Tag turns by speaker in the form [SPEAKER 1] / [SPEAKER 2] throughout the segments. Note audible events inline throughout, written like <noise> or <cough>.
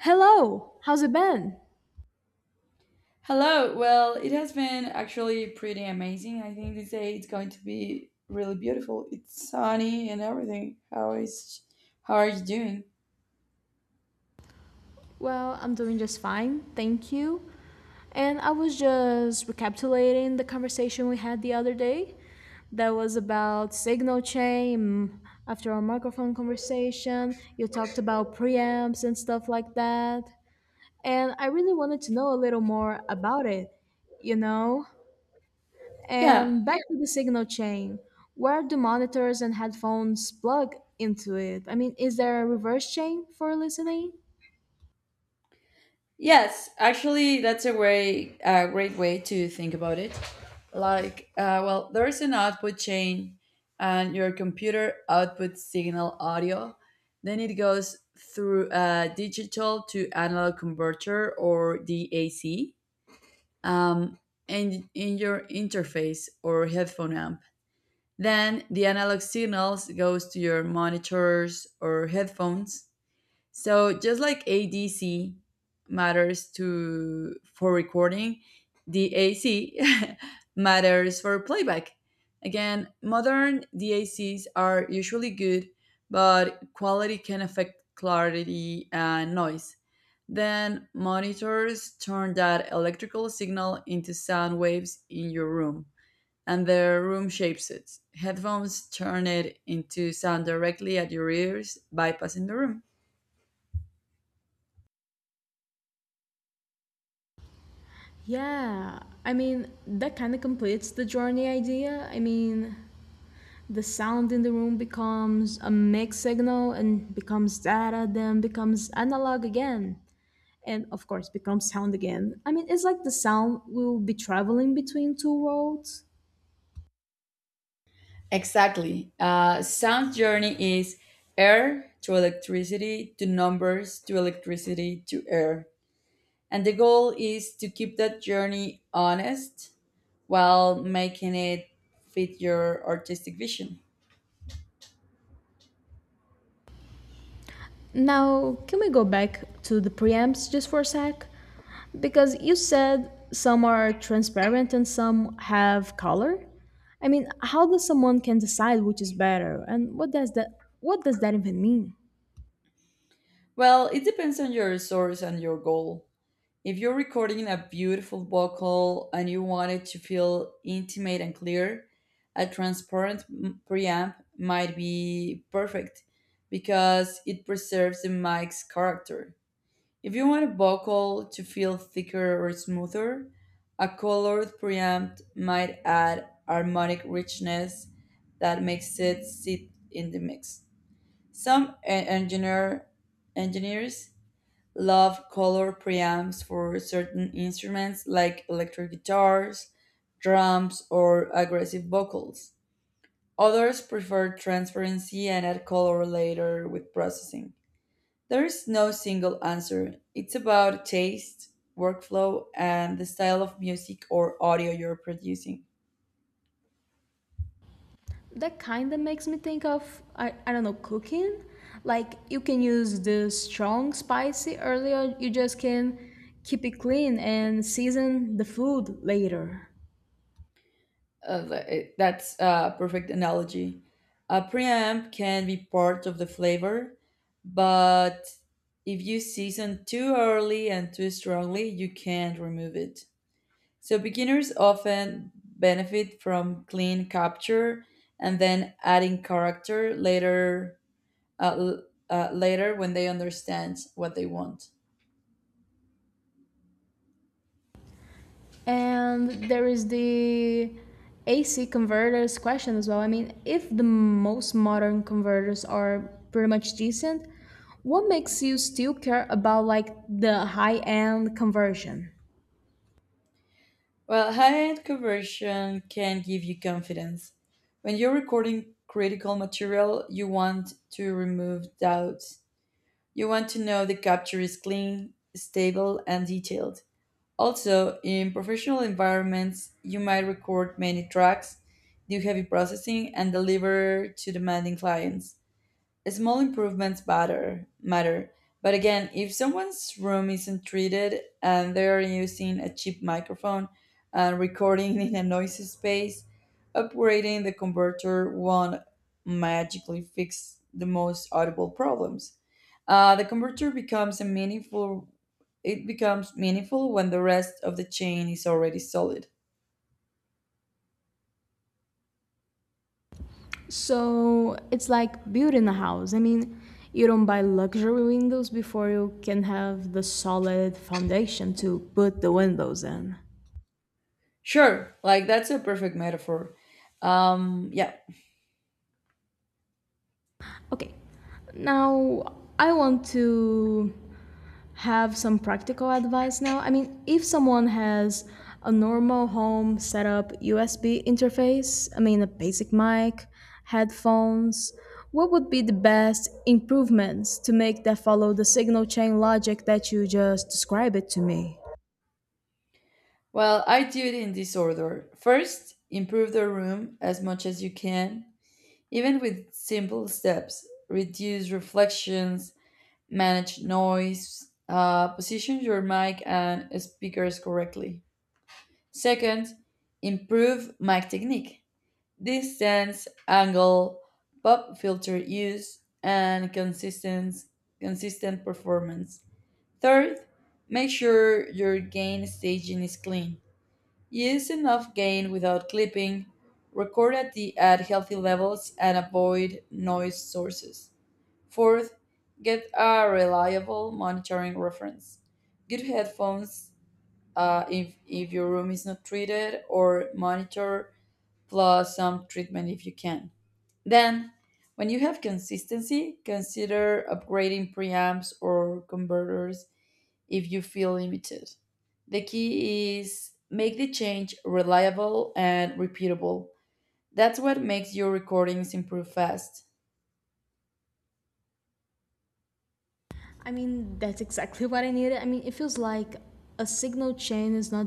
[SPEAKER 1] Hello, how's it been?
[SPEAKER 2] Hello. Well, it has been actually pretty amazing. I think this day it's going to be really beautiful. It's sunny and everything. How are you doing?
[SPEAKER 1] Well, I'm doing just fine, thank you. And I was just recapitulating the conversation we had the other day that was about signal chain. After our microphone conversation, you talked about preamps and stuff like that. And I really wanted to know a little more about it, you know?
[SPEAKER 2] Yeah.
[SPEAKER 1] And back to the signal chain, where do monitors and headphones plug into it? Is there a reverse chain for listening?
[SPEAKER 2] Yes, actually that's a great way to think about it. Like well, there is an output chain, and your computer outputs signal audio. Then it goes through a digital to analog converter, or DAC, um, in your interface or headphone amp. Then the analog signals goes to your monitors or headphones. So just like ADC matters to for recording, the AC <laughs> matters for playback. Again, modern DACs are usually good, but quality can affect clarity and noise. Then monitors turn that electrical signal into sound waves in your room, and the room shapes it. Headphones turn it into sound directly at your ears, bypassing the room.
[SPEAKER 1] Yeah, that kind of completes the journey idea. The sound in the room becomes a mixed signal and becomes data, then becomes analog again. And of course, becomes sound again. It's like the sound will be traveling between two worlds.
[SPEAKER 2] Exactly. Sound journey is air to electricity to numbers to electricity to air. And the goal is to keep that journey honest while making it fit your artistic vision.
[SPEAKER 1] Now, can we go back to the preamps just for a sec? Because you said some are transparent and some have color. How does someone can decide which is better, and what does that even mean?
[SPEAKER 2] Well, it depends on your source and your goal. If you're recording a beautiful vocal and you want it to feel intimate and clear, a transparent preamp might be perfect because it preserves the mic's character. If you want a vocal to feel thicker or smoother, a colored preamp might add harmonic richness that makes it sit in the mix. Some engineers love color preamps for certain instruments like electric guitars, drums, or aggressive vocals. Others prefer transparency and add color later with processing. There is no single answer. It's about taste, workflow, and the style of music or audio you're producing.
[SPEAKER 1] That kind of makes me think of I don't know, cooking. Like you can use the strong spicy earlier, you just can keep it clean and season the food later.
[SPEAKER 2] That's a perfect analogy. A preamp can be part of the flavor, but if you season too early and too strongly, you can't remove it. So beginners often benefit from clean capture and then adding character later, uh, l- later when they understand what they want.
[SPEAKER 1] And there is the AC converters question as well. If the most modern converters are pretty much decent, what makes you still care about like the high end conversion?
[SPEAKER 2] Well, high-end conversion can give you confidence. When you're recording critical material, you want to remove doubts. You want to know the capture is clean, stable, and detailed. Also, in professional environments, you might record many tracks, do heavy processing, and deliver to demanding clients. Small improvements matter. But again, if someone's room isn't treated and they're using a cheap microphone and recording in a noisy space, upgrading the converter won't magically fix the most audible problems. The converter becomes a meaningful It becomes meaningful when the rest of the chain is already solid.
[SPEAKER 1] So it's like building a house. You don't buy luxury windows before you can have the solid foundation to put the windows in.
[SPEAKER 2] Sure, like, that's a perfect metaphor. Yeah.
[SPEAKER 1] Okay, now I want to have some practical advice now? If someone has a normal home setup USB interface, a basic mic, headphones, what would be the best improvements to make that follow the signal chain logic that you just described it to me?
[SPEAKER 2] Well, I do it in this order. First, improve the room as much as you can, even with simple steps. Reduce reflections, manage noise, position your mic and speakers correctly. Second, improve mic technique, distance, angle, pop filter use, and consistent performance. Third, make sure your gain staging is clean. Use enough gain without clipping, record at healthy levels, and avoid noise sources. Fourth, get a reliable monitoring reference. Good headphones, if your room is not treated, or monitor plus some treatment if you can. Then, when you have consistency, consider upgrading preamps or converters if you feel limited. The key is make the change reliable and repeatable. That's what makes your recordings improve fast.
[SPEAKER 1] That's exactly what I needed. It feels like a signal chain is not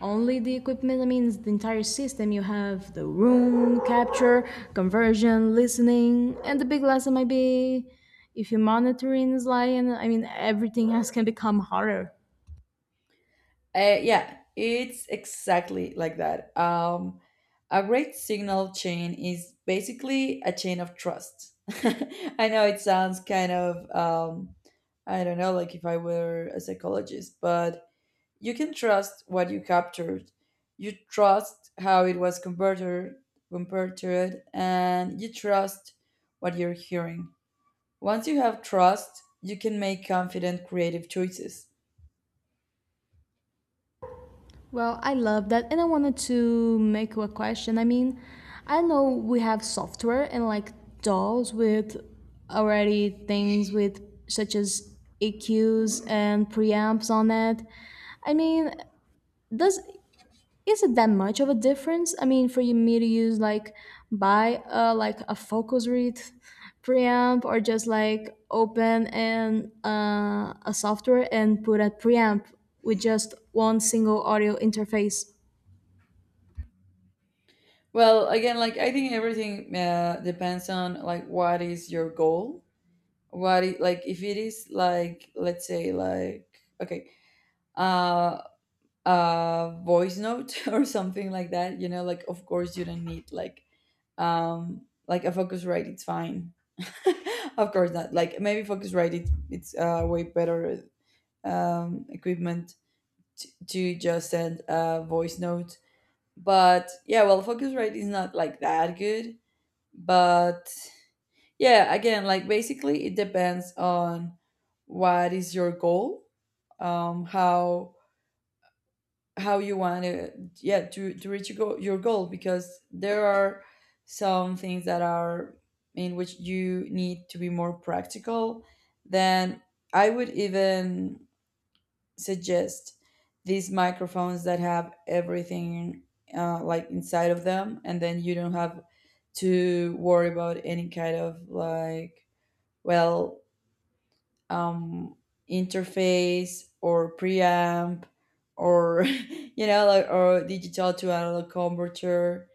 [SPEAKER 1] only the equipment, it's the entire system. You have the room, capture, conversion, listening, and the big lesson might be if your monitoring is lying, everything else can become harder.
[SPEAKER 2] Yeah, it's exactly like that. A great signal chain is basically a chain of trust. <laughs> I know it sounds kind of, I don't know, like if I were a psychologist, but you can trust what you captured. You trust how it was converted, compared to it, and you trust what you're hearing. Once you have trust, you can make confident creative choices.
[SPEAKER 1] Well, I love that. And I wanted to make you a question. I know we have software and like dolls with already things with such as EQs and preamps on it. I mean, does is it that much of a difference? For you- me to use like buy a like a Focusrite preamp or just like open and a software and put a preamp with just one single audio interface.
[SPEAKER 2] Well, again, like, I think everything depends on, like, what is your goal. Like, if it is, like, let's say, like, okay, uh, a voice note <laughs> or something like that. You know, like, of course you don't need, like, um like a Focusrite, it's fine. <laughs> Of course not, like, maybe Focusrite, it's way better equipment to just send a voice note. But yeah, well, Focusrite is not like that good. But yeah, again, like, basically it depends on what is your goal. Um how how you want to, yeah, to reach your goal, because there are some things that are in which you need to be more practical. Then I would even suggest these microphones that have everything like, inside of them, and then you don't have to worry about any kind of, like, well, um, interface or preamp, or <laughs> you know, like, or digital to analog converter.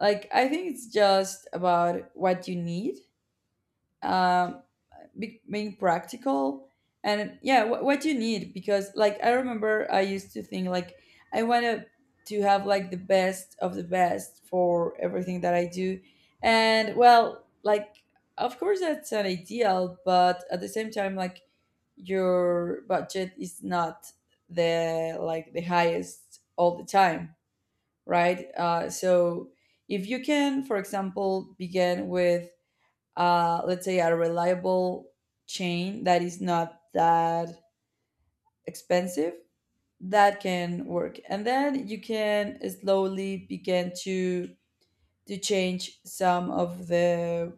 [SPEAKER 2] Like, I think it's just about what you need, um being practical. And yeah, what you need, because, like, I remember I used to think, like, I wanted to have like the best of the best for everything that I do. And, well, like, of course that's an ideal, but at the same time, like, your budget is not the like the highest all the time, right? So if you can, for example, begin with, let's say, a reliable chain that is not that expensive, that can work. And then you can slowly begin to change some of the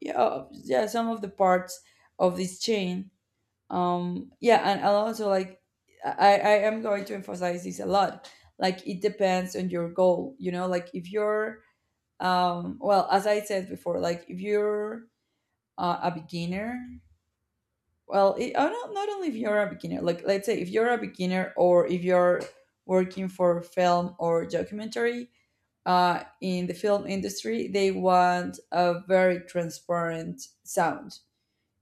[SPEAKER 2] yeah, yeah, some of the parts of this chain. Yeah, and I also, like, I am going to emphasize this a lot, like, it depends on your goal. You know, like, if you're, well, as I said before, like, if you're a beginner. Well it, oh, not, not only if you're a beginner, like let's say, if you're a beginner or if you're working for film or documentary. In the film industry, they want a very transparent sound.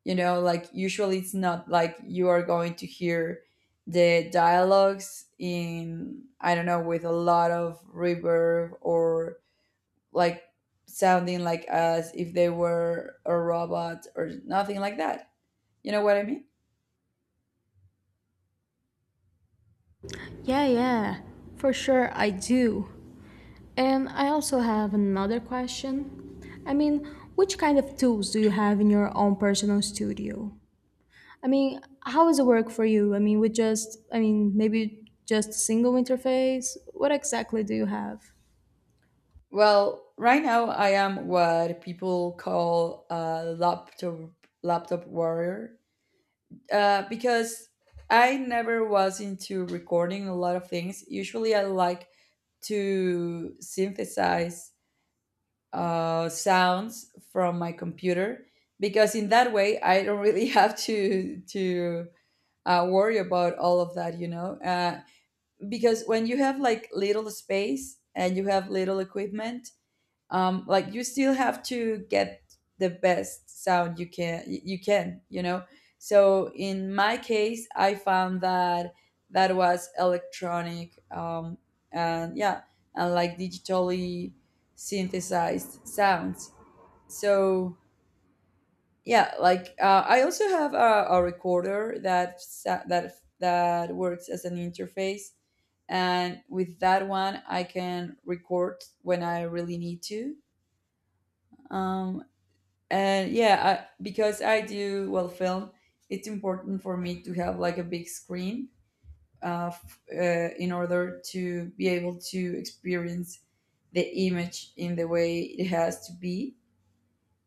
[SPEAKER 2] You know, like, usually it's not like you are going to hear the dialogues in I don't know, with a lot of reverb, or like sounding like as if they were a robot or nothing like that. You know what I mean?
[SPEAKER 1] Yeah, yeah, for sure I do. And I also have another question. Which kind of tools do you have in your own personal studio? How does it work for you? With just, maybe just a single interface? What exactly do you have?
[SPEAKER 2] Well, right now I am what people call a laptop warrior, because I never was into recording a lot of things. Usually I like to synthesize sounds from my computer, because in that way I don't <laughs> really have to worry about all of that, you know. Because when you have, like, little space and you have little equipment, like, you still have to get the best sound you can. You know, so in my case I found that was electronic, and yeah, and, like, digitally synthesized sounds. So, yeah, like, I also have a recorder that that works as an interface, and with that one I can record when I really need to. um, and yeah, because I do, well, film, it's important for me to have, like, a big screen, in order to be able to experience the image in the way it has to be.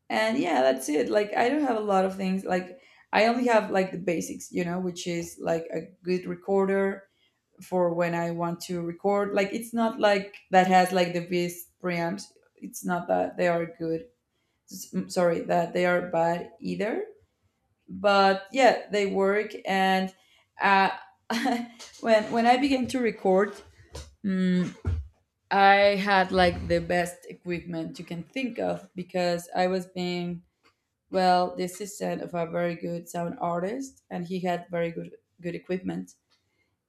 [SPEAKER 2] And yeah, that's it. Like, I don't have a lot of things, like, I only have like the basics, you know, which is like a good recorder for when I want to record. Like, it's not like that has like the best preamps. It's not that they are good, sorry, that they are bad either. But yeah, they work. And uh, <laughs> when I began to record, mm, I had like the best equipment you can think of, because I was being, well, the assistant of a very good sound artist, and he had very good equipment.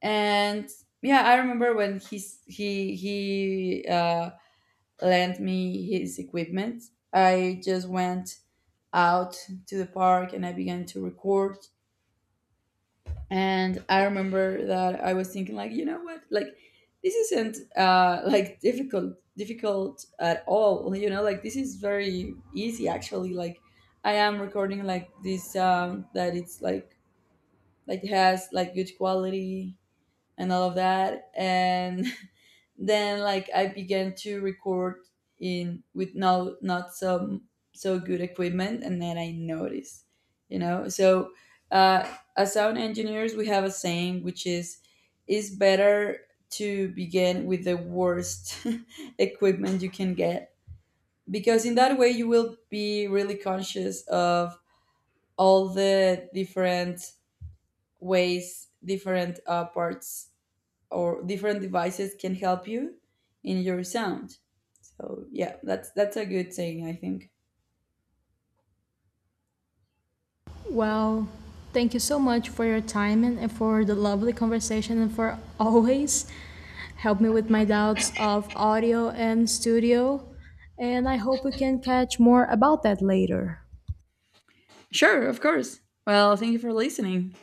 [SPEAKER 2] And yeah, I remember when he's he lent me his equipment. I just went out to the park and I began to record. And I remember that I was thinking, like, you know what? Like, this isn't like difficult, difficult at all. You know, like, this is very easy actually. Like, I am recording, like, this sound that it's, like, has like good quality and all of that. And <laughs> then, like, I began to record in with not so good equipment, and then I noticed, you know. So, uh, as sound engineers we have a saying, which is, it's better to begin with the worst <laughs> equipment you can get, because in that way you will be really conscious of all the different ways different parts or different devices can help you in your sound. So yeah, that's a good thing, I think.
[SPEAKER 1] Well, thank you so much for your time and for the lovely conversation and for always help me with my doubts of audio and studio. And I hope we can catch more about that later.
[SPEAKER 2] Sure, of course. Well, thank you for listening.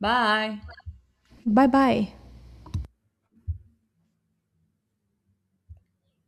[SPEAKER 2] Bye.
[SPEAKER 1] Bye bye.